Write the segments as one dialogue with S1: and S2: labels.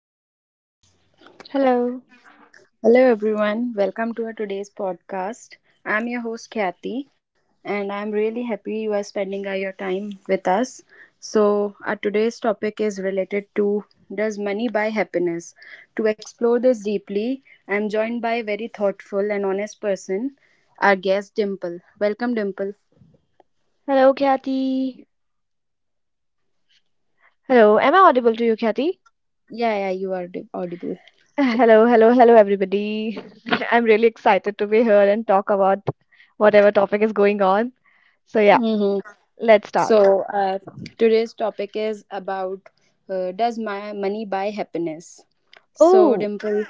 S1: Hello.
S2: Hello.
S1: Hello, everyone. Welcome to our today's podcast. I'm your host, Kathy, and I'm really happy you are spending your time with us. So, our today's topic is related to, does money buy happiness? To explore this deeply, I'm joined by a very thoughtful and honest person, our guest, Dimple. Welcome, Dimple.
S2: Hello, Kathy. Hello. Am I audible to you, Kathy?
S1: Yeah, yeah, you are audible.
S2: Hello, hello, hello, everybody. I'm really excited to be here and talk about whatever topic is going on. So, yeah,
S1: Mm-hmm.
S2: let's start.
S1: So, today's topic is about, does my money buy happiness? So,
S2: Oh,
S1: Dimple,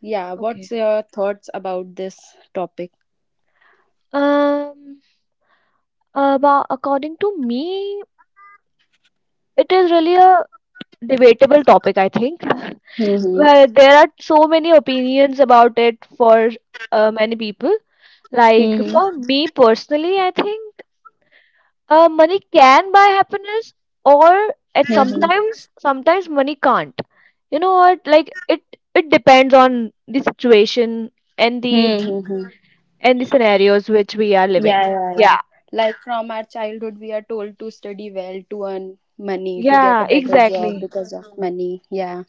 S1: yeah,
S2: okay.
S1: what's your thoughts about this topic?
S2: Um, about according to me, it is really a debatable topic, I think. Well,
S1: Mm-hmm.
S2: there are so many opinions about it for many people. Like for
S1: Mm-hmm.
S2: me personally, I think. Money can buy happiness, or at
S1: Mm-hmm.
S2: sometimes money can't. You know what? Like it depends on the situation and the
S1: Mm-hmm.
S2: and the scenarios which we are
S1: Yeah,
S2: living.
S1: yeah,
S2: Yeah.
S1: yeah. Like from our childhood, we are told to study well, to earn money, to get a
S2: Yeah,
S1: better job
S2: exactly.
S1: because of money. Yeah.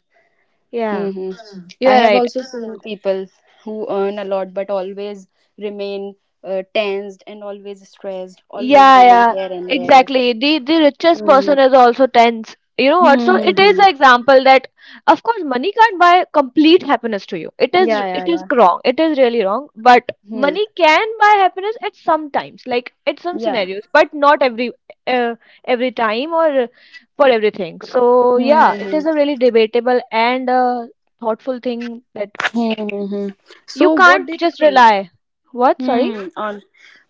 S2: Yeah,
S1: Hmm.
S2: you
S1: I
S2: are
S1: have
S2: right.
S1: also seen people who earn a lot but always remain tensed and always stressed, always
S2: Yeah,
S1: running
S2: yeah,
S1: here and there.
S2: exactly. The richest
S1: Mm-hmm.
S2: person is also tense. You know what? So it is
S1: Mm-hmm.
S2: an example that, of course, money can't buy complete happiness to you. It is
S1: Yeah,
S2: it
S1: yeah,
S2: is
S1: yeah.
S2: wrong. It is really wrong. But
S1: Hmm.
S2: money can buy happiness at some times, like at some
S1: Yeah.
S2: scenarios, but not uh, every time or for everything. So yeah, it
S1: Mm-hmm.
S2: is a really debatable and thoughtful thing that
S1: Mm-hmm.
S2: you
S1: So, what do
S2: can't
S1: you
S2: just
S1: think?
S2: rely. What? Sorry.
S1: Hmm. On,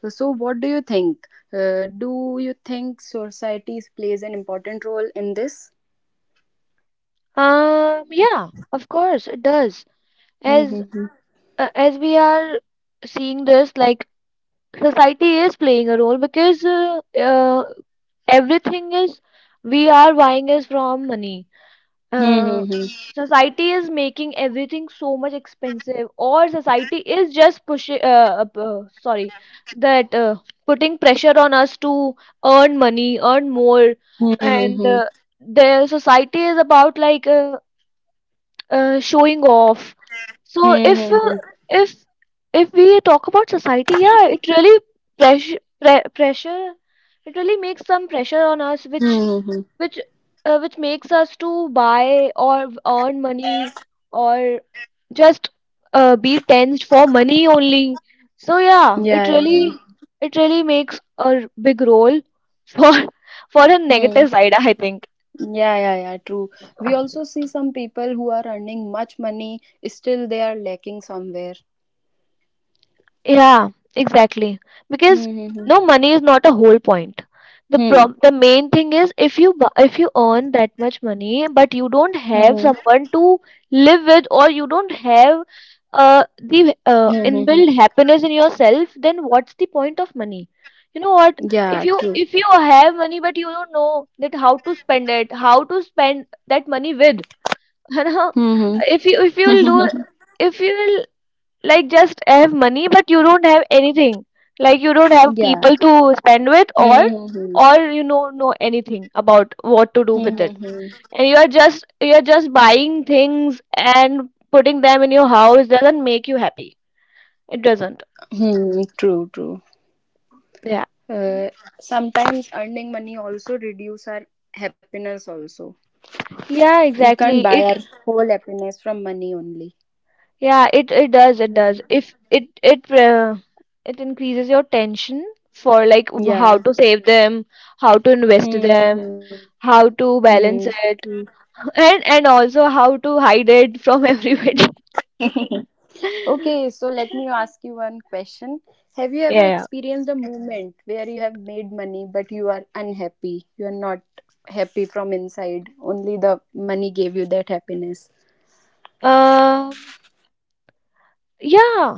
S1: so, what do you think? Do you think societies plays an important role in this?
S2: Yeah. Of course, it does. As
S1: Mm-hmm.
S2: as we are seeing this, like society is playing a role because everything is we are buying is from money. Uh,
S1: Mm-hmm.
S2: society is making everything so much expensive, or society is just pushing. Sorry, that putting pressure on us to earn money, earn more,
S1: Mm-hmm.
S2: and
S1: Mm-hmm.
S2: the society is about like showing off. So
S1: Mm-hmm.
S2: if if we talk about society, yeah, it really pressure pre pressure it really makes some pressure on us,
S1: Mm-hmm.
S2: which which makes us to buy or earn money or just be tensed for money only. So
S1: Yeah,
S2: yeah,
S1: yeah,
S2: it
S1: yeah.
S2: really it really makes a big role for for a
S1: Hmm.
S2: negative side, I think.
S1: Yeah, yeah, yeah, true. We also see some people who are earning much money, still they are lacking somewhere.
S2: Yeah, exactly. Because
S1: Hmm. Hmm.
S2: no, money is not a whole point. The
S1: Hmm.
S2: prob the main thing is if you earn that much money, but you don't
S1: Hmm. Hmm.
S2: have someone to live with, or you don't have uh the
S1: Hmm.
S2: uh,
S1: Hmm. Hmm.
S2: inbuilt happiness in yourself, then what's the point of money? You know what?
S1: Yeah,
S2: If you
S1: true.
S2: if you have money but you don't know that how to spend it, how to spend that money with, you know,
S1: Hmm. Hmm.
S2: if you will do if you will like just have money but you don't have anything, like you don't have
S1: Yeah.
S2: people to spend with or
S1: Hmm. Hmm. Hmm.
S2: or you know know anything about what to do
S1: Hmm.
S2: with it,
S1: Hmm, hmm.
S2: and you are just buying things and putting them in your house doesn't make you happy, it doesn't.
S1: Hmm, true, true.
S2: Yeah.
S1: Uh, sometimes earning money also reduce our happiness also.
S2: Yeah,
S1: We can't
S2: exactly.
S1: buy
S2: it
S1: our whole happiness from money only.
S2: Yeah. it it does it
S1: Hmm.
S2: does If it increases your tension for, like, how
S1: Yeah.
S2: to save them, how to invest
S1: Hmm.
S2: them,
S1: Hmm. Hmm.
S2: how to
S1: Hmm.
S2: balance it,
S1: True.
S2: and also how to hide it from everybody.
S1: Okay, so let me ask you one question. Have you ever
S2: Yeah.
S1: experienced a moment where you have made money but you are unhappy? You are not happy from inside. Only the money gave you that happiness.
S2: um yeah,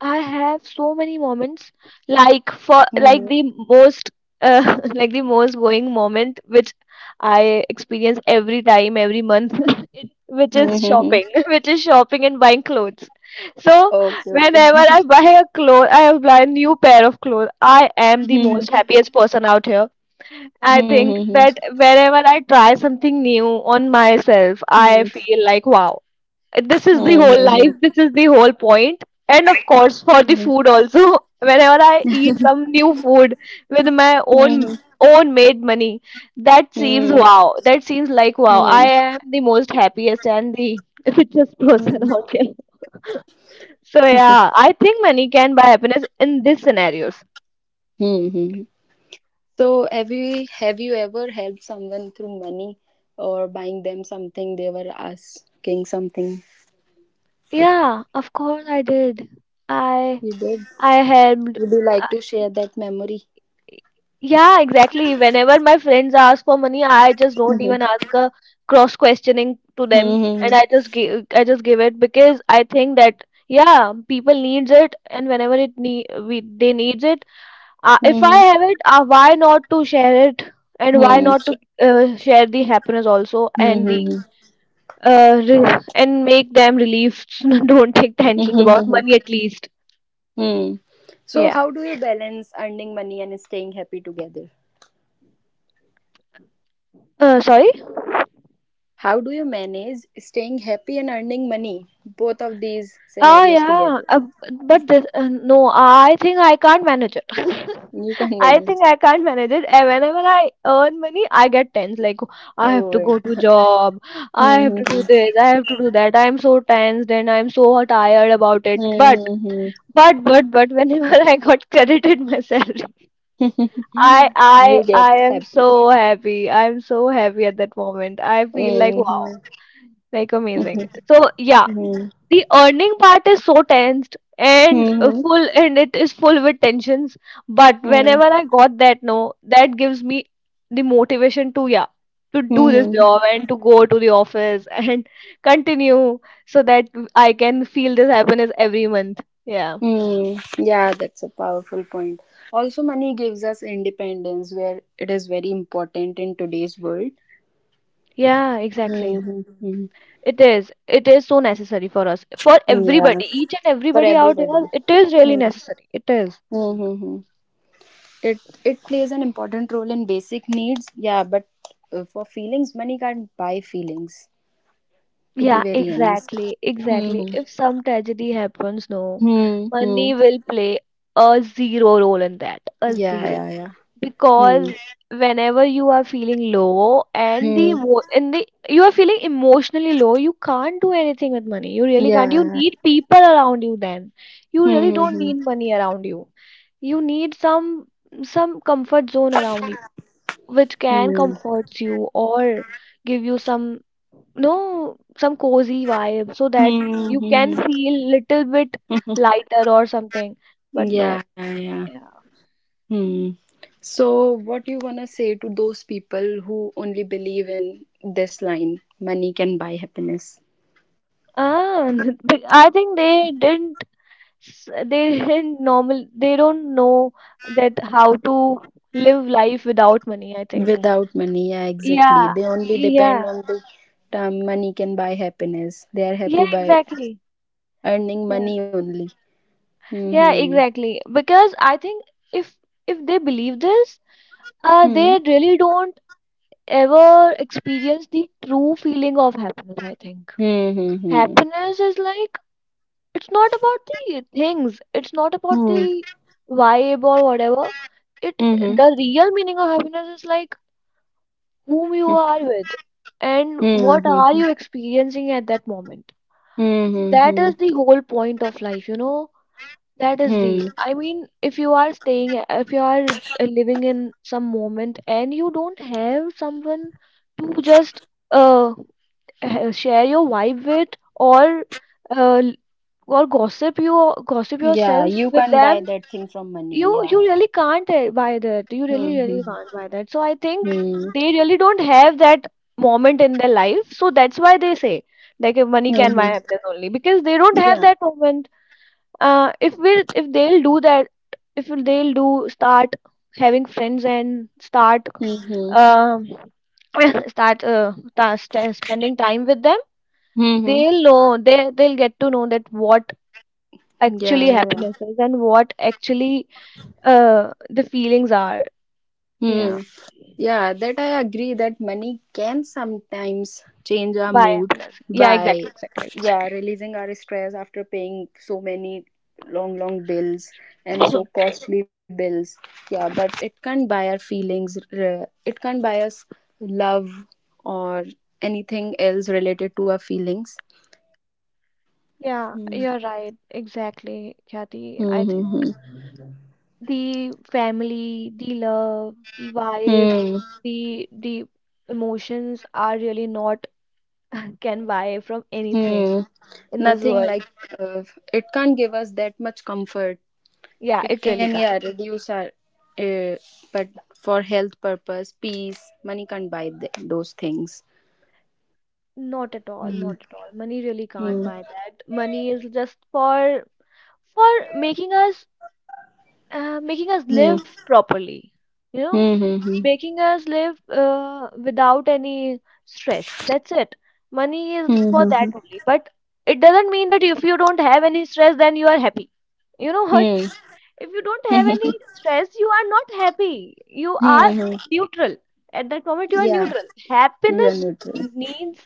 S2: I have so many moments. Like, for,
S1: Mm-hmm.
S2: like, the most like the most going moment which I experience every time, every month, which is
S1: Mm-hmm.
S2: shopping, which is shopping and buying clothes. So
S1: Okay, okay.
S2: whenever I buy a new pair of clothes, I am the most happiest person out here. I think
S1: Mm-hmm.
S2: that wherever I try something new on myself, I
S1: Mm-hmm.
S2: feel like, wow, this is the whole life,
S1: Mm-hmm.
S2: this is the whole point. And of course, for the
S1: Mm-hmm.
S2: food also, whenever I eat some new food with my own made money, that seems wow, that seems like wow, I
S1: Mm-hmm.
S2: am the most happiest and the richest person out here. So yeah, I think money can buy happiness in these scenarios.
S1: Mm-hmm. So have you ever helped someone through money or buying them something, they were asking something?
S2: Yeah, of course I did. I
S1: You did.
S2: I helped.
S1: Would you like to share that memory?
S2: Yeah, exactly. Whenever my friends ask for money, I just don't
S1: Mhm.
S2: even ask a cross questioning to them,
S1: Mhm.
S2: and I just give it, because I think that, yeah, people needs it, and whenever it need, we they needs it. If I
S1: Mhm.
S2: have it, why not to share it, and why
S1: Mhm.
S2: not to
S1: Sure.
S2: share the happiness also, and the
S1: Mhm.
S2: uh re- and make them relieved. Don't take tensions
S1: Mhm.
S2: about
S1: Mhm.
S2: money at least.
S1: Mhm. So,
S2: Yeah.
S1: how do you balance earning money and staying happy together?
S2: Sorry.
S1: How do you manage staying happy and earning money, both of these
S2: Oh
S1: scenarios
S2: yeah,
S1: together?
S2: but no, I think I can't manage it.
S1: You can
S2: I think
S1: manage.
S2: I can't manage it. And whenever I earn money, I get tense. Like, I have
S1: Oh,
S2: to
S1: yeah.
S2: go to job, I have
S1: Mhm.
S2: to do this, I have to do that. I am so tensed and I am so tired about it. But
S1: Mhm. Mhm.
S2: but but but whenever I got credited my salary, I
S1: You
S2: I
S1: get
S2: I am
S1: happy.
S2: so happy. I am so happy at that moment. I feel like wow,
S1: Mhm.
S2: like amazing.
S1: Mhm.
S2: So yeah,
S1: Mhm.
S2: the earning part is so tensed and
S1: Mhm.
S2: full, and it is full with tensions, but whenever
S1: Mhm.
S2: I got that, no, that gives me the motivation to, to do this
S1: Mhm.
S2: job and to go to the office and continue, so that I can feel this happiness every month. Yeah.
S1: Hmm. Yeah, that's a powerful point. Also, money gives us independence, where it is very important in today's world.
S2: Yeah, exactly.
S1: Mm-hmm.
S2: It is so necessary for us, for
S1: Yeah,
S2: everybody, each and
S1: for
S2: everybody out
S1: everybody.
S2: here. It is really
S1: Hmm.
S2: necessary, it is.
S1: Mm-hmm. It it plays an important role in basic needs. Yeah, but for feelings, money can't buy feelings. To be
S2: Yeah,
S1: very honest.
S2: exactly, exactly.
S1: Mm-hmm.
S2: If some tragedy happens, no,
S1: Hmm. Hmm.
S2: money will play a zero role in that, a
S1: Yeah.
S2: zero.
S1: Yeah. Yeah. Hmm.
S2: Because whenever you are feeling low and the
S1: Hmm.
S2: emo and the you are feeling emotionally low, you can't do anything with money. You really can't. You
S1: Yeah.
S2: need people around you then. You really don't
S1: Hmm.
S2: need money around you. You need some comfort zone around you which can
S1: Hmm.
S2: comfort you or give you some, no, some cozy vibe, so that
S1: Hmm.
S2: you can
S1: Hmm.
S2: feel little bit
S1: Hmm.
S2: lighter or something. But no.
S1: Yeah, yeah, yeah.
S2: Yeah.
S1: Hmm. So, what you wanna say to those people who only believe in this line, money can buy happiness?
S2: Ah, but I think they didn't s- they didn't normal they don't know that how to live life without money, I think.
S1: Without money, yeah, exactly.
S2: Yeah,
S1: They only depend
S2: yeah,
S1: on the term, money can buy happiness. They are
S2: yeah,
S1: happy by
S2: exactly.
S1: earning
S2: Yeah,
S1: money only.
S2: yeah,
S1: Hmm.
S2: exactly. Because I think if if they believe this,
S1: Hmm.
S2: they really don't ever experienced the true feeling of happiness, I think.
S1: Hmm. Hmm.
S2: Happiness is like, it's not about the things, it's not about
S1: Hmm.
S2: the vibe or whatever. It
S1: Hmm. Hmm.
S2: The real meaning of happiness is like whom you are with and
S1: Hmm.
S2: what
S1: Hmm.
S2: are
S1: Hmm.
S2: you experiencing at that moment.
S1: Hmm.
S2: That
S1: Hmm.
S2: is the whole point of life, you know.
S1: Hmm.
S2: I mean, if you are living in some moment and you don't have someone to just uh share your vibe with, or uh, or gossip
S1: Yeah,
S2: yourself
S1: you
S2: with
S1: can
S2: them.
S1: buy that thing from
S2: you
S1: money. Yeah.
S2: you really can't buy that, you really
S1: Hmm.
S2: really
S1: Hmm.
S2: can't buy that. So I think they really don't have that moment in their life, so that's why they say, like, if money
S1: Hmm.
S2: can buy
S1: Hmm.
S2: happiness only because they don't have
S1: Yeah.
S2: that moment. If they'll do that, if they'll do, start having friends and start
S1: Mm-hmm.
S2: um start spending time with them,
S1: Mm-hmm.
S2: they'll know, they'll get to know that what
S1: Yeah.
S2: actually
S1: Yeah.
S2: happiness is and what actually the feelings are.
S1: Hmm.
S2: Yeah.
S1: Yeah, that I agree that money can sometimes change our
S2: By
S1: mood
S2: happiness. Yeah,
S1: by,
S2: exactly, exactly.
S1: yeah, releasing our stress after paying so many long long bills and so costly bills. Yeah, but it can't buy our feelings. It can't buy us love or anything else related to our feelings.
S2: Yeah,
S1: Mm-hmm.
S2: you're right, exactly, Kathy. I think
S1: Mm-hmm.
S2: the family, the love, the vibe,
S1: Hmm.
S2: the emotions are really not can buy from anything
S1: Hmm.
S2: in this
S1: Nothing
S2: world.
S1: like, uh, it can't give us that much comfort.
S2: Yeah,
S1: It
S2: it
S1: can,
S2: really
S1: yeah,
S2: can't.
S1: reduce our, uh, but for health purpose, peace, money can't buy those things.
S2: Not at all, not at all. Money really can't
S1: Hmm.
S2: buy that. Money is just for making us
S1: Hmm.
S2: live properly, you know,
S1: Hmm. Hmm. Hmm. Hmm.
S2: making us live without any stress. That's it. Money is for
S1: Hmm.
S2: that only. But it doesn't mean that if you don't have any stress then you are happy. You know what?
S1: Hmm.
S2: If you don't have
S1: Hmm.
S2: any stress, you are not happy, you are
S1: Hmm. Hmm.
S2: neutral. At that moment, you are
S1: Yeah,
S2: neutral.
S1: you are
S2: Happiness
S1: neutral.
S2: needs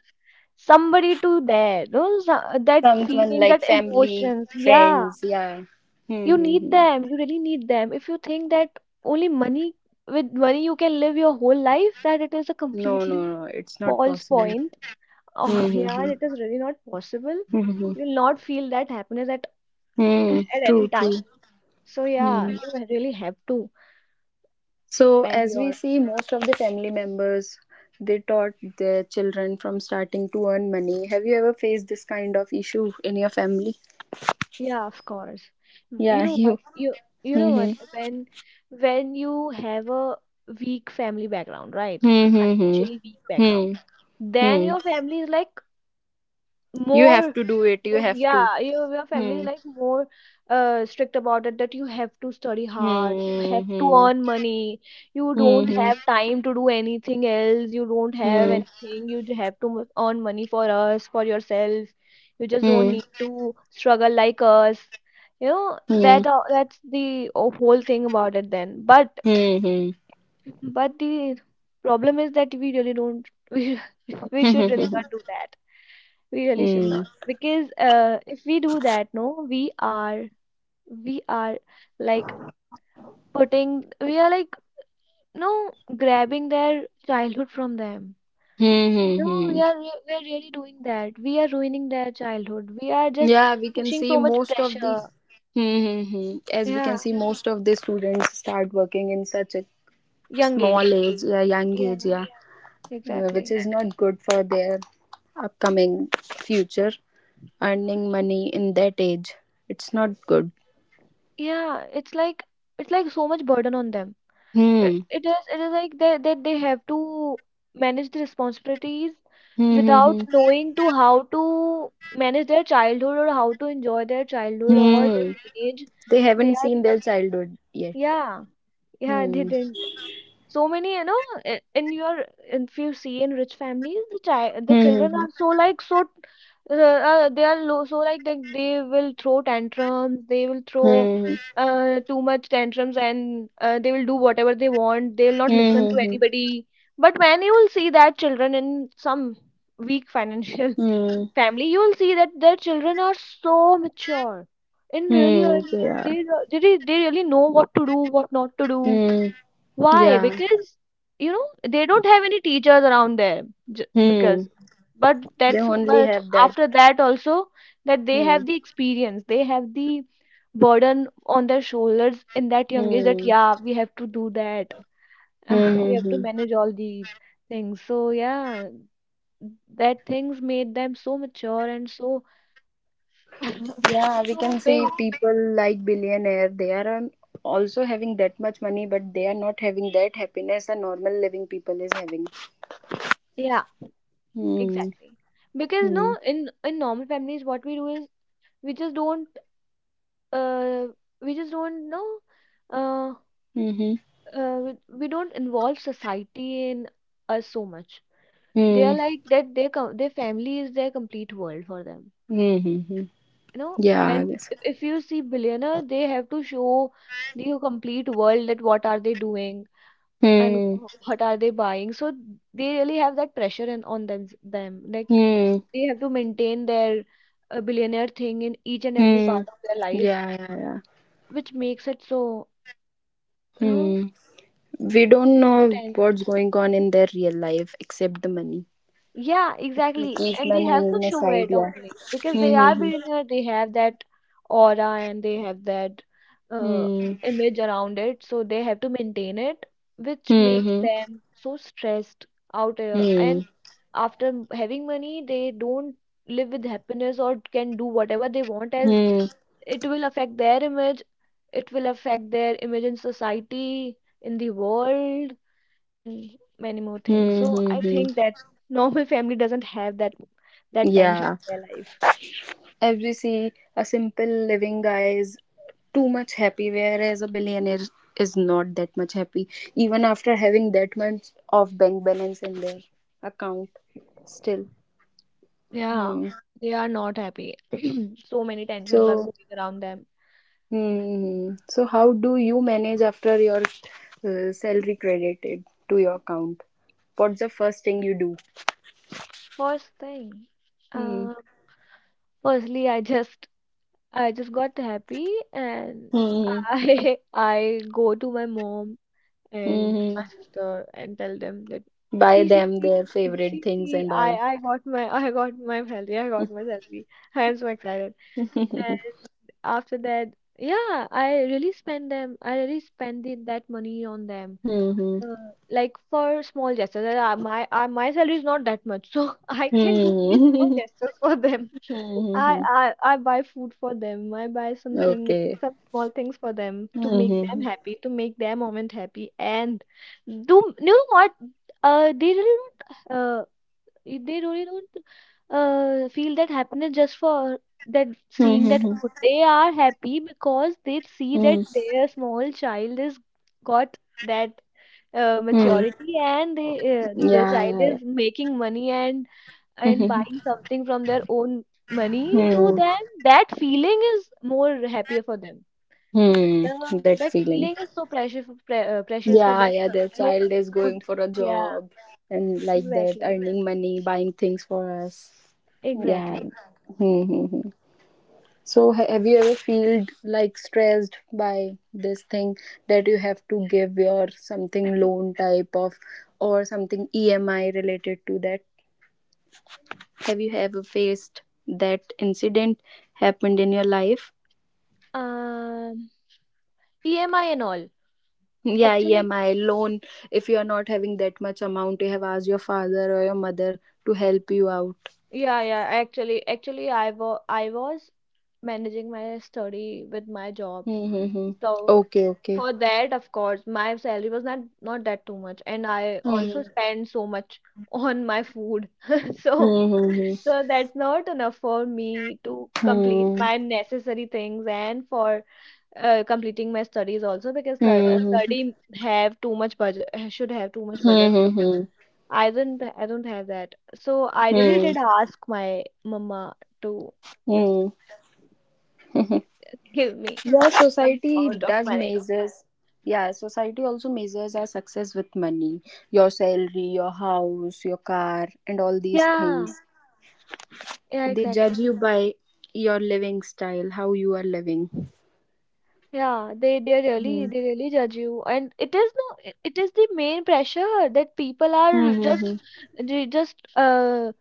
S2: somebody to there, that
S1: Someone
S2: feelings,
S1: like
S2: that
S1: family,
S2: emotions. Yeah.
S1: friends. Yeah. Hmm.
S2: You
S1: Hmm.
S2: need
S1: Hmm.
S2: them. You really need them. If you think that only money, with money you can live your whole life, that it is a
S1: No, no,
S2: completely
S1: no, it's not
S2: false
S1: possible.
S2: point. Oh,
S1: Hmm.
S2: yeah,
S1: Hmm.
S2: it is really not possible.
S1: Hmm. Hmm. Hmm.
S2: You will not feel that happiness at
S1: Hmm. True.
S2: any
S1: True.
S2: time. So, yeah,
S1: Hmm.
S2: you really have to
S1: So,
S2: spend
S1: as we
S2: your,
S1: see, most of the family members, they taught their children from starting to earn money. Have you ever faced this kind of issue in your family?
S2: yeah, of course. Mm. You
S1: Yeah,
S2: know
S1: you.
S2: what? You know what?
S1: Mm-hmm.
S2: When you have a weak family background, right?
S1: Hmm.
S2: Financially weak background,
S1: Hmm.
S2: then
S1: Hmm.
S2: your family is like
S1: You have
S2: more
S1: to do it. You
S2: more-
S1: have to.
S2: yeah your, your family
S1: Hmm.
S2: is like more strict about it. That you have to study hard, you
S1: Hmm.
S2: have to
S1: Hmm.
S2: earn money, you don't
S1: Hmm.
S2: have time to do anything else, you don't have
S1: Hmm.
S2: anything, you earn money for us, for yourself. You just don't
S1: Hmm.
S2: need to struggle like us. You know
S1: Hmm.
S2: that, that's the whole thing about it then. But
S1: Hmm.
S2: but the problem is that we really don't, we should really
S1: Hmm.
S2: not do that. We really should
S1: Hmm.
S2: not, because if we do that, no, we are, we are like putting we are like no grabbing their childhood from them.
S1: Hmm. Hmm.
S2: No,
S1: Hmm. Hmm.
S2: we are really doing that. We are ruining their childhood. We are just
S1: Yeah, we can
S2: pushing
S1: see
S2: so much
S1: most of the,
S2: pressure.
S1: mm-hmm, as we
S2: Yeah,
S1: can see, most of the students start working in such a
S2: young
S1: small
S2: age.
S1: age, yeah, young age,
S2: Yeah,
S1: yeah, which
S2: exactly.
S1: is not good for their upcoming future. Earning money in that age, it's not good.
S2: Yeah, it's like, it's like so much burden on them. it,
S1: Hmm.
S2: it is it is like that, that they have to manage the responsibilities
S1: Hmm.
S2: without
S1: Hmm.
S2: knowing to how to manage their childhood, or how to enjoy their
S1: Hmm.
S2: childhood or their
S1: Hmm.
S2: teenage.
S1: They
S2: They
S1: haven't
S2: are
S1: seen their
S2: just,
S1: childhood yet.
S2: yeah, yeah, they
S1: Hmm.
S2: didn't, so many, you know, in your if you see in rich families, the child, the children
S1: Hmm.
S2: are so like so, they are low, so like they will throw tantrums, they will
S1: Hmm.
S2: throw
S1: Hmm.
S2: too much tantrums, and they will do whatever they want, they will not listen
S1: Hmm. Hmm.
S2: to
S1: Hmm.
S2: anybody. But when you will see that children in some weak financial
S1: Hmm.
S2: family, you will see that their children are so mature. In
S1: Hmm.
S2: really
S1: Hmm, hmm, hmm.
S2: early age,
S1: Yeah.
S2: they really know what to do, what not to do.
S1: Hmm.
S2: Why?
S1: Yeah.
S2: Because, you know, they don't have any teachers around there. J Because,
S1: Hmm.
S2: but
S1: They
S2: that's,
S1: only
S2: but
S1: have that.
S2: after that also, that they
S1: Hmm.
S2: have the experience, they have the burden on their shoulders in that young age, that
S1: Hmm.
S2: yeah, we have to do that, we
S1: Hmm. Hmm,
S2: have to
S1: hmm.
S2: manage all these things. So yeah, that things made them so mature and so,
S1: Yeah, we
S2: so
S1: can see
S2: big.
S1: people like billionaire. They are also having that much money, but they are not having that happiness a normal living people is having.
S2: Yeah,
S1: Hmm.
S2: exactly. Because no,
S1: Hmm.
S2: in normal families, what we do is we just don't, uh, we just don't know, uh,
S1: Hmm. Hmm.
S2: we don't involve society in us so much. They are
S1: Hmm.
S2: like that, their com- their family is their complete world for them,
S1: Hmm, hmm. Hmm.
S2: you know.
S1: Yeah. I
S2: and
S1: guess.
S2: if, if you see billionaire, they have to show the complete world that what are they doing and
S1: Hmm.
S2: what are they buying. So they really have that pressure in, on them, them like,
S1: Hmm.
S2: they have to maintain their billionaire thing in each and every
S1: Hmm.
S2: part of their life,
S1: Yeah. Yeah. Yeah.
S2: which makes it so, you know,
S1: Hmm. We don't know
S2: tense.
S1: what's going on in their real life except the money.
S2: Yeah,
S1: If we
S2: exactly.
S1: keep
S2: And they
S1: money
S2: have to
S1: in the
S2: show it
S1: side, yeah.
S2: only because they
S1: Hmm. Hmm.
S2: are
S1: Hmm.
S2: billionaire. They have that aura, and they have that uh,
S1: Hmm.
S2: image around it. So they have to maintain it, which makes
S1: Hmm.
S2: them so stressed out here.
S1: Hmm.
S2: And after having money, they don't live with happiness or can do whatever they want, as
S1: Hmm.
S2: it will affect their image. It will affect their image in society, in the world, and many more things.
S1: Hmm.
S2: So
S1: Hmm.
S2: I
S1: Hmm.
S2: think that normal family doesn't have that, that tension
S1: Yeah.
S2: in their life.
S1: As we see, a simple living guy is too much happy, whereas a billionaire is not that much happy, even after having that much of bank balance in their account. Still.
S2: Yeah,
S1: Hmm.
S2: they are not happy. So many tensions are
S1: So.
S2: going around them.
S1: Hmm. So, how do you manage after your salary credited to your account? What's the first thing you do?
S2: First thing,
S1: Hmm.
S2: uh, firstly, I just, I just got happy, and
S1: Hmm.
S2: I, I go to my mom and
S1: Hmm.
S2: my sister and tell them that,
S1: Buy
S2: see see
S1: them
S2: see
S1: their
S2: eh,
S1: favorite
S2: see
S1: things
S2: see
S1: and
S2: I
S1: all.
S2: I got my, I got my salary, I got my salary, I am so excited.
S1: Mhm.
S2: And after that, yeah, I really spend them, I really spend the, that money on them.
S1: Mhm.
S2: uh, like for small gestures, my salary is not that much, so I can do only small
S1: Mhm.
S2: gestures for them.
S1: Hmm.
S2: I buy food for them. I buy something,
S1: Okay.
S2: some small things for them, to make them
S1: Mhm.
S2: happy, to make their moment happy. And do you know what? They really don't. They really don't. Feel that happiness just for that, seeing that
S1: Mhm.
S2: food. They are happy because they see that
S1: Mhm.
S2: their small child is got that
S1: Mhm.
S2: maturity, and they, the
S1: Yeah, yeah,
S2: child
S1: yeah.
S2: is making money, and
S1: Mhm.
S2: buying something from their own money to
S1: Mhm.
S2: them, that feeling is more happier for them.
S1: Mhm.
S2: The,
S1: That
S2: that
S1: feeling.
S2: feeling is so precious, precious for
S1: Yeah,
S2: them.
S1: yeah, their
S2: No
S1: child is going
S2: food.
S1: for a
S2: Yeah,
S1: job and like that,
S2: exactly.
S1: earning money, buying things for us. Yeah.
S2: Exactly.
S1: So, have you ever felt like stressed by this thing that you have to give your something loan type of or something EMI related to that? Have you ever faced that incident happened in your life?
S2: Um, EMI and all.
S1: Yeah,
S2: Actually,
S1: EMI loan. If you are not having that much amount, you have asked your father or your mother to help you out.
S2: yeah, yeah. Actually, actually, I was managing my study with my job.
S1: Mm-hmm.
S2: So
S1: Okay, okay.
S2: for that, of course, my salary was not that too much, and I also
S1: Hmm.
S2: spend so much on my food. So
S1: Hmm. Hmm.
S2: that's not enough for me to complete
S1: Hmm.
S2: my necessary things, and for completing my studies also, because
S1: Hmm. Hmm.
S2: study have too much budget, should have too much budget. So
S1: Hmm.
S2: I don't have that. So I really
S1: Hmm.
S2: did ask my mama to just
S1: Hmm. Hmm.
S2: give me
S1: Yeah,
S2: some
S1: society
S2: amount of
S1: does
S2: money.
S1: measures. Yeah, society also measures our success with money, your salary, your house, your car, and all these
S2: Yeah,
S1: things.
S2: yeah,
S1: They
S2: exactly.
S1: judge you by your living style, how you are living.
S2: Yeah, they really,
S1: Hmm.
S2: they really judge you, and it is, no, it is the main pressure, that people are
S1: Hmm.
S2: just,
S1: Hmm.
S2: they just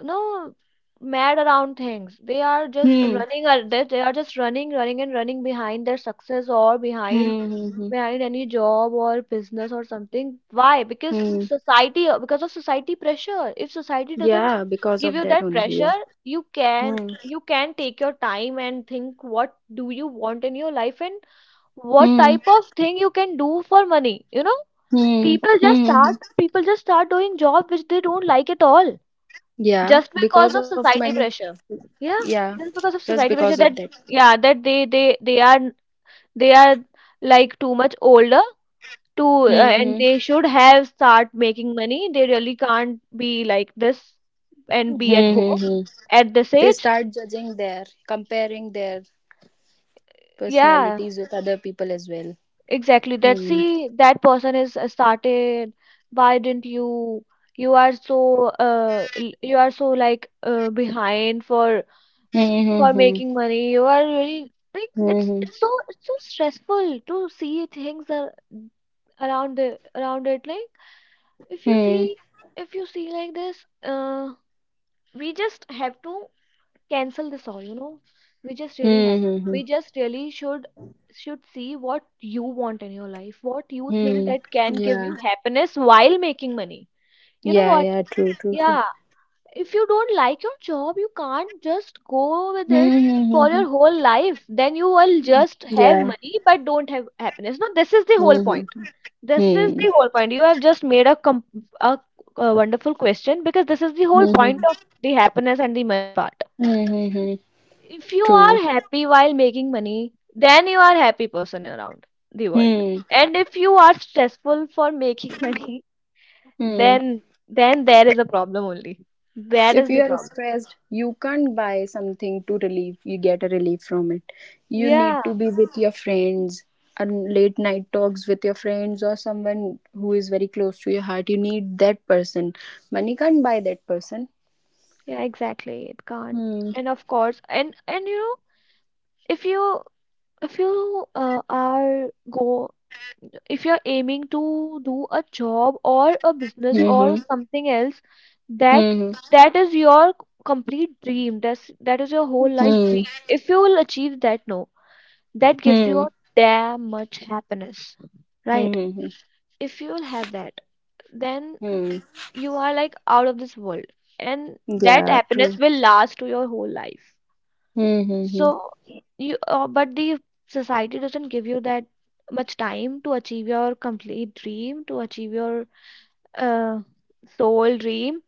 S2: no mad around things. They are just
S1: Hmm. Hmm.
S2: running ar- they are just running, running and running behind their success, or behind,
S1: Hmm. Hmm, hmm,
S2: behind any job or business or something. Why? Because
S1: hmm.
S2: society, because of society pressure. If society doesn't
S1: Yeah, because
S2: give
S1: of
S2: you
S1: that
S2: that
S1: only. Yeah.
S2: pressure,
S1: Hmm.
S2: you can take your time and think what do you want in your life, and what type
S1: Hmm.
S2: of thing you can do for money, you know.
S1: Hmm.
S2: people just
S1: Hmm. Hmm, hmm.
S2: start people just start doing job which they don't like at all,
S1: Yeah,
S2: just because
S1: because
S2: of
S1: of
S2: society
S1: money.
S2: pressure, yeah,
S1: Yeah,
S2: just because of
S1: just
S2: society
S1: because
S2: pressure.
S1: of
S2: That
S1: that.
S2: yeah, that they are, they are like too much older to,
S1: Hmm. Hmm.
S2: and they should have start making money, they really can't be like this and
S1: Hmm.
S2: be at
S1: Hmm,
S2: home
S1: hmm.
S2: at this
S1: They
S2: age.
S1: start judging their, comparing their
S2: Yeah,
S1: personalities with other people as well.
S2: exactly. That
S1: Hmm.
S2: see, that person is, started. Why didn't you? You are so, you are so like, behind for
S1: Hmm.
S2: for
S1: Hmm.
S2: making money. You are really like,
S1: Hmm.
S2: it's so stressful to see things that around the around it. Like if
S1: Hmm.
S2: you
S1: Hmm.
S2: see,
S1: Hmm.
S2: if you see like this, we just have to cancel this all, you know. We just really have,
S1: Hmm, hmm, hmm.
S2: we just really should see what you want in your life, what you think
S1: Hmm.
S2: that can give
S1: Yeah.
S2: you happiness while making money, you know
S1: Yeah.
S2: what.
S1: Yeah. True. True.
S2: Yeah,
S1: True.
S2: if you don't like your job, you can't just go with
S1: Hmm.
S2: it
S1: Hmm. Hmm.
S2: for
S1: Hmm.
S2: your whole life. Then you will just have
S1: Yeah.
S2: money but don't have happiness. No, this is the whole
S1: Hmm.
S2: point,
S1: Hmm.
S2: this is
S1: Hmm.
S2: the whole point. You have just made a, a wonderful question, because this is the whole
S1: Hmm. Hmm.
S2: point
S1: Hmm.
S2: of the happiness and the money part.
S1: Hmm, hmm, hmm.
S2: If you
S1: True.
S2: are happy while making money, then you are happy person around the world.
S1: Hmm.
S2: And if you are stressful for making money,
S1: Hmm.
S2: then then there is a problem only. That
S1: If
S2: is
S1: you
S2: the
S1: are
S2: problem.
S1: stressed, you can't buy something to relieve you, get a relief from it. You need to
S2: Yeah,
S1: be with your friends, and late night talks with your friends or someone who is very close to your heart. You need that person. Money can't buy that person.
S2: yeah, exactly. It can't.
S1: Hmm.
S2: And of course, and you know, if you, if you are go if you're aiming to do a job or a business or
S1: Hmm.
S2: something else, that,
S1: Hmm.
S2: that is your complete dream, that's, that is your whole life
S1: Hmm.
S2: dream. If you will achieve that, no, that gives
S1: Hmm.
S2: you a damn much happiness, right?
S1: Hmm.
S2: If you will have that, then
S1: Hmm.
S2: you are like out of this world, and that
S1: Yeah, true.
S2: happiness will last to your whole life.
S1: Hmm. Hmm. Hmm. Hmm.
S2: So you, but the society doesn't give you that much time to achieve your complete dream, to achieve your uh, soul dream,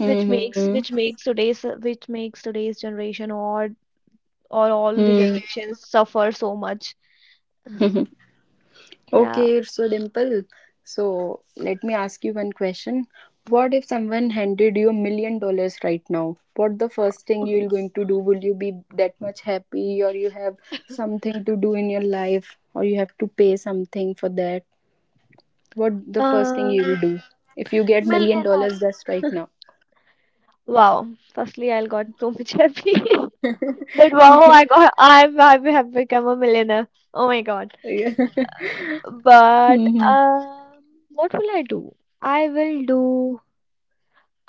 S2: which makes, which makes today's, which makes today's generation, or all the generations suffer so much.
S1: Hmm.
S2: Yeah.
S1: Okay, so Dimple, so let me ask you one question. What if someone handed you $1 million right now? What the first thing you're going to do? Will you be that much happy or you have something to do in your life or you have to pay something for that? What the first thing
S2: uh,
S1: you'll do if you get million
S2: million
S1: dollars just right
S2: dollar
S1: now?
S2: wow. Firstly, I got so much happy, that wow, I got, I have become a millionaire. Oh my god.
S1: Yeah.
S2: but
S1: Mhm.
S2: um what will I do? I will do,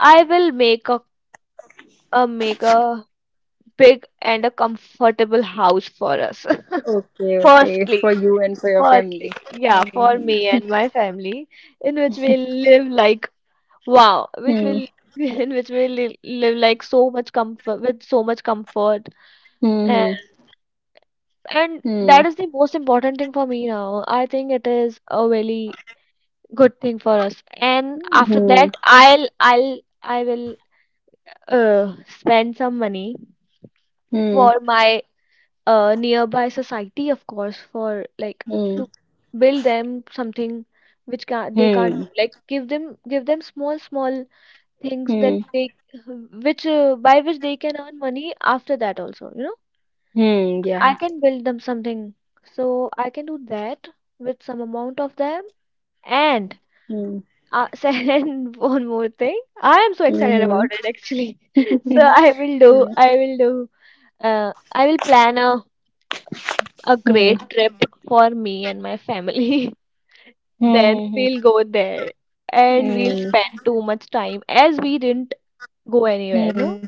S2: I will make a big and a comfortable house for us.
S1: Okay, okay, for
S2: Firstly,
S1: you and for your family.
S2: firstly, yeah, for
S1: Mhm.
S2: me and my family, in which we live like, wow, which
S1: Hmm.
S2: will, in which we li live like so much comfort, with so much comfort, and
S1: Hmm.
S2: and
S1: Hmm.
S2: that is the most important thing for me now. I think it is a really good thing for us. And after
S1: Hmm.
S2: that, I will spend some money
S1: Hmm.
S2: for my nearby society, of course, for like, to
S1: Hmm.
S2: build them something which can they can't
S1: Hmm.
S2: do. Like give them, give them small small things that
S1: Hmm.
S2: they, which, by which they can earn money after that also. You know,
S1: Hmm. Yeah.
S2: I can build them something, so I can do that with some amount of them. And
S1: Hmm.
S2: and one more thing, I am so excited
S1: Mhm.
S2: about it actually. So I will do,
S1: Yeah.
S2: I will do I will plan a
S1: Hmm. Hmm.
S2: great trip for me and my family. Then
S1: Hmm. Hmm.
S2: we'll go there, and we'll
S1: Hmm.
S2: spend too much time, as we didn't go anywhere,
S1: Hmm.
S2: no?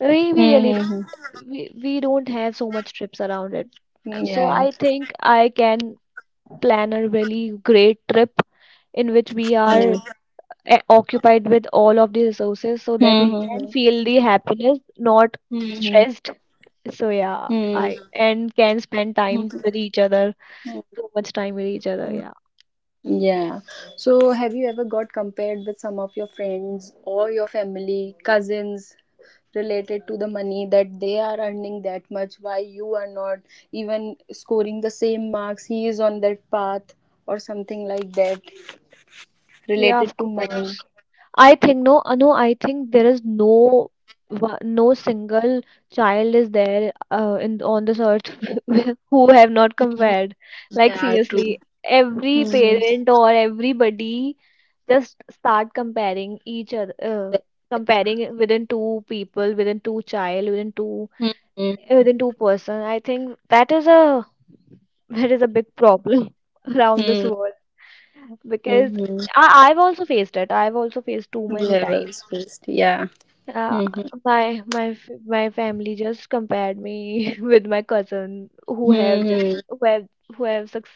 S2: We
S1: Hmm.
S2: really
S1: Hmm.
S2: don't, we don't have so much trips around it. So
S1: Yeah.
S2: I think I can plan a really great trip, in which we are
S1: Hmm.
S2: occupied with all of the resources, so that we can
S1: Hmm.
S2: feel the happiness, not
S1: Hmm.
S2: stressed. So yeah,
S1: Hmm.
S2: I and can spend
S1: Hmm.
S2: time with each other, too much time with each other. Yeah.
S1: Yeah. So, have you ever got compared with some of your friends or your family, cousins, related to the money that they are earning that much, why you are not even scoring the same marks, he is on that path or something like that
S2: Yeah,
S1: related
S2: of
S1: to money?
S2: course. I think no, no. I think there is no no single child is there in on this earth who have not compared. Like
S1: Yeah, true.
S2: seriously, every
S1: Mm-hmm.
S2: parent or everybody just start comparing each other, comparing within two people, within two child,
S1: Mm-hmm.
S2: within two person. I think that is a that is a big problem around this
S1: Mm-hmm.
S2: world because
S1: Mm-hmm.
S2: I've also faced it. I've also faced too many times.
S1: Levels first. Yeah.
S2: Uh,
S1: Mm-hmm.
S2: my family just compared me with my cousin who have just
S1: Mm-hmm.
S2: who have who have suc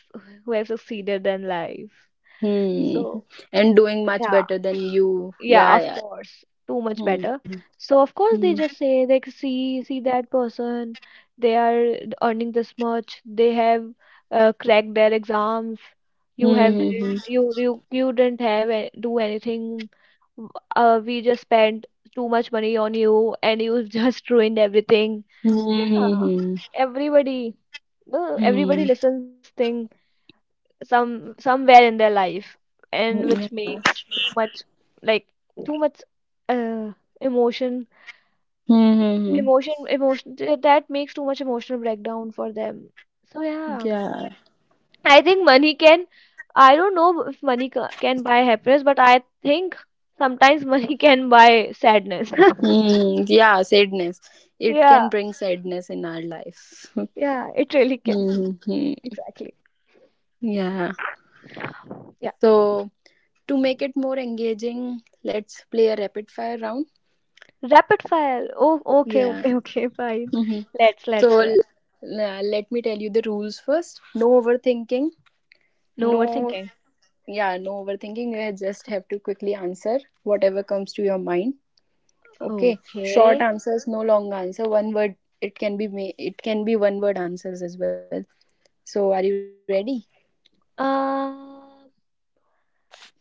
S2: who have succeeded in life.
S1: Hmm.
S2: So
S1: And doing much
S2: yeah.
S1: better than you.
S2: Yeah,
S1: Yeah,
S2: of
S1: yeah.
S2: course. Too much better.
S1: Mm-hmm.
S2: So of course they just say, like, see that person, they are earning this much, they have cracked their exams.
S1: Mm-hmm.
S2: You didn't do anything. w- we just spent too much money on you and you just ruined everything. Yeah,
S1: Mm-hmm.
S2: everybody, everybody
S1: Mm-hmm.
S2: listens this thing somewhere in their life, and
S1: Yeah.
S2: which makes too much, like, too much, uh emotion
S1: Mm-hmm.
S2: emotion emotion, that makes too much emotional breakdown for them. So yeah,
S1: Yeah.
S2: I think money can, I don't know if money can buy happiness, but I think sometimes money can buy sadness.
S1: Mm-hmm. Yeah, sadness. It
S2: Yeah.
S1: can bring sadness in our life.
S2: Yeah, it really can.
S1: Mm-hmm.
S2: Exactly.
S1: Yeah.
S2: Yeah.
S1: So, to make it more engaging, let's play a rapid fire round.
S2: Rapid fire. Oh, okay,
S1: Yeah.
S2: okay, okay. Fine.
S1: Mhm.
S2: let's
S1: So
S2: let's do it.
S1: let me tell you the rules first. No overthinking.
S2: No
S1: No,
S2: overthinking.
S1: yeah, no overthinking. You just have to quickly answer whatever comes to your mind. Okay. Short
S2: Okay.
S1: answers, no long answer. One word. It can be it can be one word answers as well. So are you ready?
S2: Uh,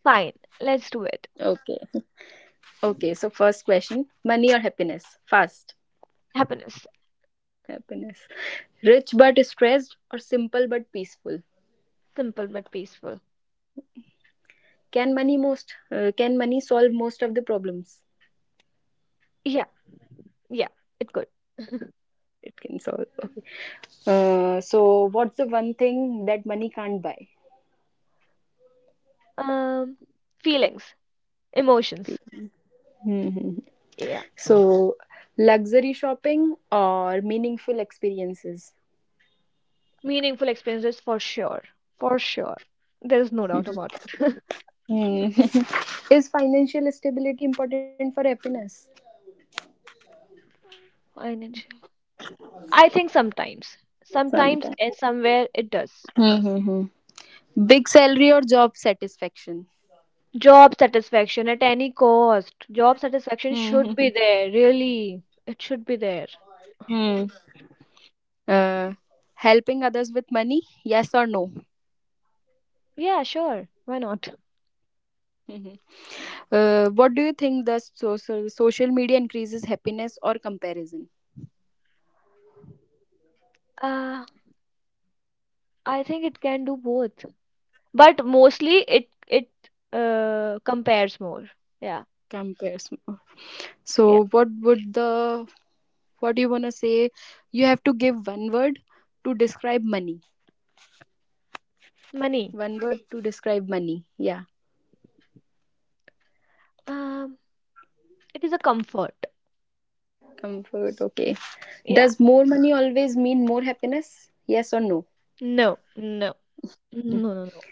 S2: Fine. Let's do it.
S1: Okay. Okay. So first question: money or happiness? Fast.
S2: Happiness.
S1: Happiness. Rich but stressed or simple but peaceful?
S2: Simple but peaceful.
S1: Can money most? Can money solve most of the problems?
S2: Yeah, yeah, it could.
S1: It can solve. So, what's the one thing that money can't buy?
S2: Um, feelings, emotions.
S1: Hmm.
S2: Yeah.
S1: So, luxury shopping or meaningful experiences?
S2: Meaningful experiences for sure. For sure. There's no doubt about it.
S1: Hmm. Is financial stability important for happiness?
S2: Financial. I think sometimes. Sometimes
S1: Sometimes.
S2: and somewhere it does.
S1: Hmm. Big salary or job satisfaction?
S2: Job satisfaction at any cost. Job satisfaction
S1: Hmm.
S2: should be there, really. It should be there.
S1: Hmm. Uh, helping others with money, yes or no?
S2: Yeah, sure. Why not?
S1: Hmm. What do you think, the social media increases happiness or comparison?
S2: Uh, I think it can do both, but mostly it compares more. Yeah.
S1: Comparison.
S2: Yeah.
S1: So, what would the, what do you wanna say? You have to give one word to describe money.
S2: Money,
S1: One word to describe money. Yeah,
S2: um it is a comfort.
S1: comfort. Okay.
S2: Yeah.
S1: Does more money always mean more happiness? Yes or no?
S2: No, no. No, no, no.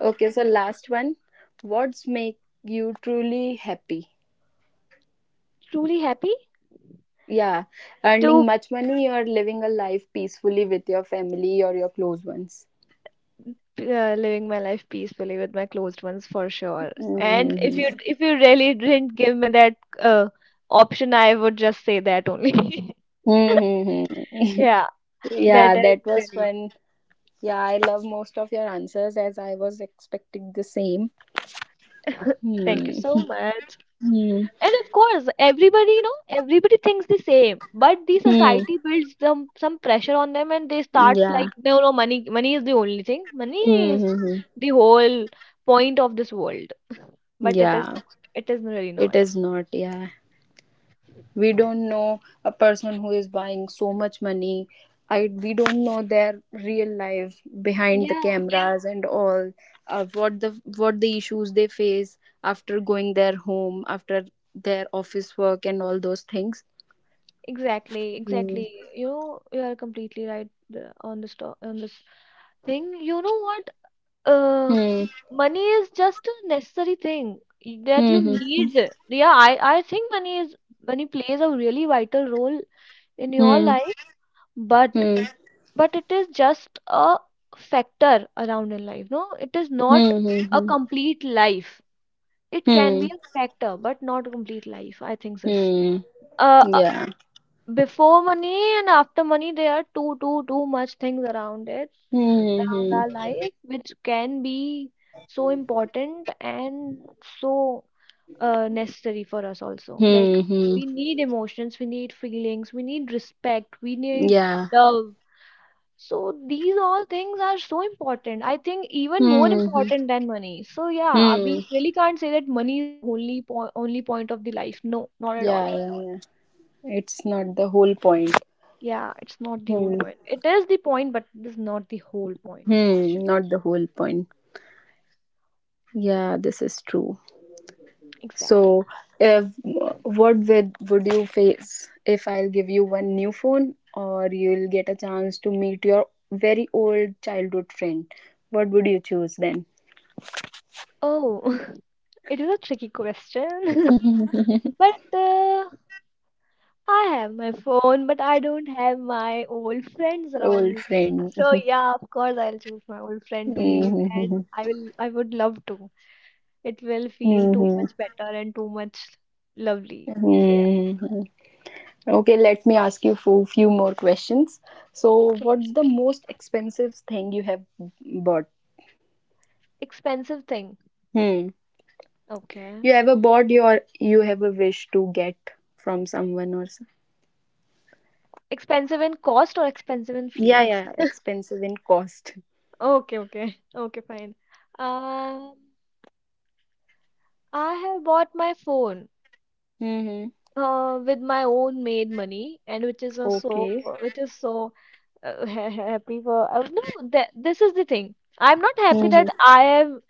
S1: Okay. So last one. What's make you truly happy?
S2: Truly happy.
S1: Yeah, earning
S2: To
S1: much money or living a life peacefully with your family or your close ones.
S2: Living my life peacefully with my closed ones for sure. And
S1: Mhm.
S2: if you really didn't give me that option, I would just say that only.
S1: Mhm.
S2: Yeah. That
S1: Yeah,
S2: is
S1: that was
S2: really.
S1: fun. Yeah, I love most of your answers as I was expecting the same.
S2: Thank you
S1: Hmm.
S2: so much.
S1: Hmm.
S2: And of course, everybody, you know, everybody thinks the same, but the
S1: Hmm.
S2: society builds some pressure on them, and they starts like,
S1: Yeah.
S2: no, no, money, money is the only thing. Money
S1: Hmm.
S2: is
S1: Hmm. Hmm.
S2: the whole point of this world, but it is
S1: Yeah.
S2: not. It is really
S1: It
S2: not.
S1: is not. Yeah. We don't know a person who is buying so much money. I, we don't know their real life behind the
S2: Yeah,
S1: cameras and all. What the issues they face after going their home after their office work and all those things.
S2: exactly,
S1: Hmm.
S2: exactly. You know, you are completely right on on this thing. You know what? uh
S1: Hmm.
S2: Money is just a necessary thing that you
S1: Hmm.
S2: need. Yeah, I think money is, money plays a really vital role in your
S1: Hmm.
S2: life, but
S1: Hmm.
S2: but it is just a factor around in life. No, it is not
S1: Hmm.
S2: a
S1: Hmm.
S2: complete life. It can
S1: Hmm.
S2: be a factor, but not a complete life. I think this,
S1: Hmm.
S2: uh uh,
S1: Yeah.
S2: before money and after money, there are too much things around it,
S1: Hmm.
S2: around
S1: Hmm.
S2: our life, which can be so important and so, necessary for us also. Like,
S1: Hmm. Hmm.
S2: we need emotions, we need feelings, we need respect, we need
S1: Yeah.
S2: love. So these all things are so important. I think even more
S1: Hmm. Hmm.
S2: important than money. So yeah, we
S1: Hmm.
S2: really can't say that money is the only po only point of the life. No, not at all.
S1: Yeah. Yeah. Yeah. It's not the whole point.
S2: Yeah, it's not the whole
S1: Hmm.
S2: point. It is the point, but it is not the whole point,
S1: Hmm.
S2: actually.
S1: Not the whole point. Yeah. This is true.
S2: Exactly.
S1: So, if, what would you face if I'll give you one new phone, or you'll get a chance to meet your very old childhood friend? What would you choose then?
S2: Oh, it is a tricky question. But I have my phone, but I don't have my old friends around
S1: Old
S2: me.
S1: friend.
S2: So yeah, of course I'll choose my old friend to meet, and
S1: Mhm.
S2: I will. I would love to. It will feel too
S1: Mhm.
S2: much better and too much lovely. So yeah.
S1: Mhm. Okay, let me ask you for few more questions. So,
S2: Okay.
S1: what's the most expensive thing you have bought?
S2: Expensive thing.
S1: Hmm.
S2: Okay.
S1: You ever bought your, you have a wish to get from someone or,
S2: Expensive in cost or expensive in
S1: yeah,
S2: feelings?
S1: yeah, expensive in cost.
S2: Okay, okay, okay, fine. Um, I have bought my phone
S1: Mm-hmm.
S2: with my own made money, and which is a so,
S1: Okay.
S2: which is so, happy for. No, that this is the thing. I'm not happy
S1: Mm-hmm.
S2: that I am,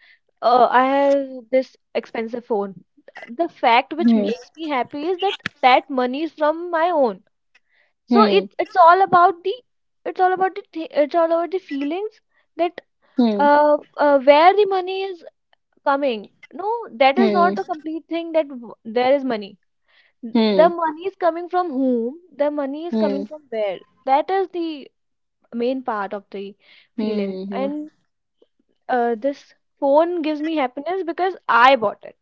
S2: I have this expensive phone. The fact
S1: Hmm.
S2: which makes me happy is that that money is from my own. So
S1: Hmm.
S2: it's all about the, it's all about the it's all about the feelings that,
S1: Hmm.
S2: where the money is coming. No, that is
S1: Hmm.
S2: not a complete thing there is money. The
S1: Hmm.
S2: money is coming from whom, the money is
S1: Hmm. Hmm.
S2: coming from where, that is the main part of the feelings,
S1: Hmm.
S2: and this phone gives me happiness because I bought it.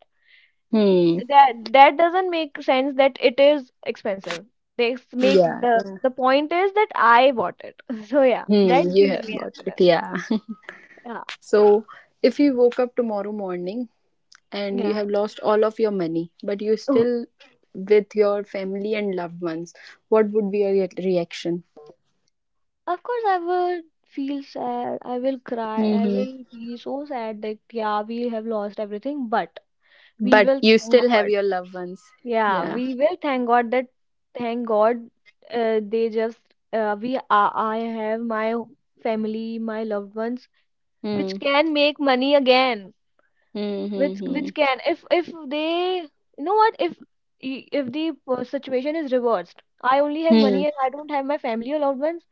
S1: Hmm.
S2: That, that doesn't make sense that it is expensive. Make
S1: Yeah.
S2: the
S1: Yeah.
S2: the point is that I bought it. So yeah, that
S1: Hmm. You
S2: gives
S1: have
S2: me
S1: got it.
S2: happiness.
S1: Yeah.
S2: Yeah.
S1: So, if you woke up tomorrow morning and
S2: Yeah.
S1: you have lost all of your money, but you're
S2: Oh.
S1: still with your family and loved ones, what would be your reaction?
S2: Of course, I will feel sad. I will cry. I
S1: Mm-hmm.
S2: will be so sad that, yeah, we have lost everything, but we
S1: But
S2: will
S1: you
S2: thank
S1: still have
S2: God.
S1: your loved ones.
S2: Yeah,
S1: Yeah.
S2: we will thank God that, thank God, they just, I have my family, my loved ones, which
S1: Hmm.
S2: can make money again.
S1: Hmm. Hmm. Hmm.
S2: Which can, if they, you know what, if, if the situation is reversed, I only have
S1: Hmm.
S2: money and I don't have my family or loved ones.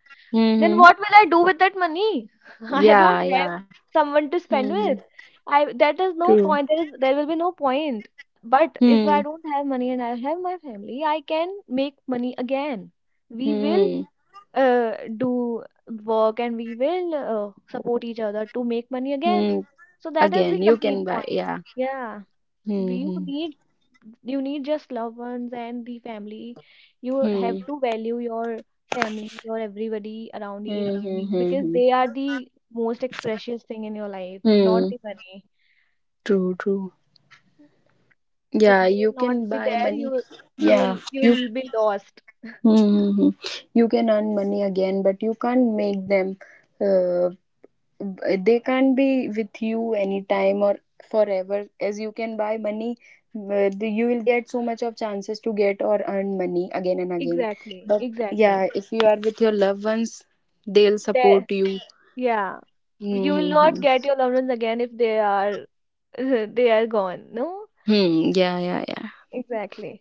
S2: Then
S1: Mm-hmm.
S2: what will I do with that money? I
S1: Yeah,
S2: don't have
S1: yeah.
S2: someone to spend
S1: Mm-hmm.
S2: with. I That is no
S1: True.
S2: point. There will be no point. But if I
S1: Hmm.
S2: don't have money and I have my family, I can make money again. We will,
S1: Hmm.
S2: do work, and we will support each other to make money again.
S1: Hmm.
S2: So that is the
S1: Again, you
S2: complete
S1: can buy.
S2: point.
S1: Yeah.
S2: Yeah, you
S1: Hmm.
S2: need, you need just loved ones and the family. You have
S1: Hmm.
S2: to value your family or everybody around you,
S1: Hmm. Hmm. Hmm.
S2: because
S1: Hmm.
S2: they are the most precious thing in your life, not
S1: Hmm.
S2: the money.
S1: True. True.
S2: If
S1: Yeah,
S2: they
S1: you
S2: will
S1: can
S2: not be
S1: buy
S2: there,
S1: money.
S2: you,
S1: Yeah. You.
S2: you'll be lost.
S1: Hmm. You can earn money again, but you can't make them. Uh, they can't be with you anytime or forever as you can buy money. You will get so much of chances to get or earn money again and again,
S2: Exactly,
S1: but yeah,
S2: exactly.
S1: if you are with your loved ones, they'll
S2: There.
S1: support you.
S2: Yeah, you will not
S1: Mm-hmm.
S2: get your loved ones again if they are they are gone, no.
S1: Hmm. Yeah, yeah, yeah.
S2: Exactly.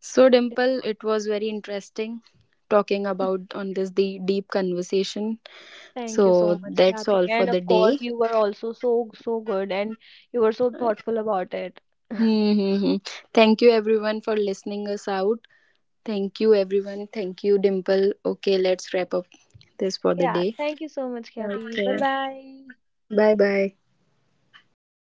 S1: So, Dimple, it was very interesting talking about on this, the deep conversation.
S2: Thank you so
S1: So
S2: much,
S1: that's
S2: Kathy.
S1: all for
S2: And
S1: the
S2: of
S1: day.
S2: course, you were also so, so good, and you were so
S1: Uh,
S2: thoughtful about it.
S1: hmm, hmm, hmm. Thank you everyone for listening us out. Thank you, everyone. Thank you, Dimple. Okay, let's wrap up this for the
S2: Yeah,
S1: day.
S2: thank you so much, Kathy.
S1: Okay.
S2: Bye bye.
S1: Bye bye.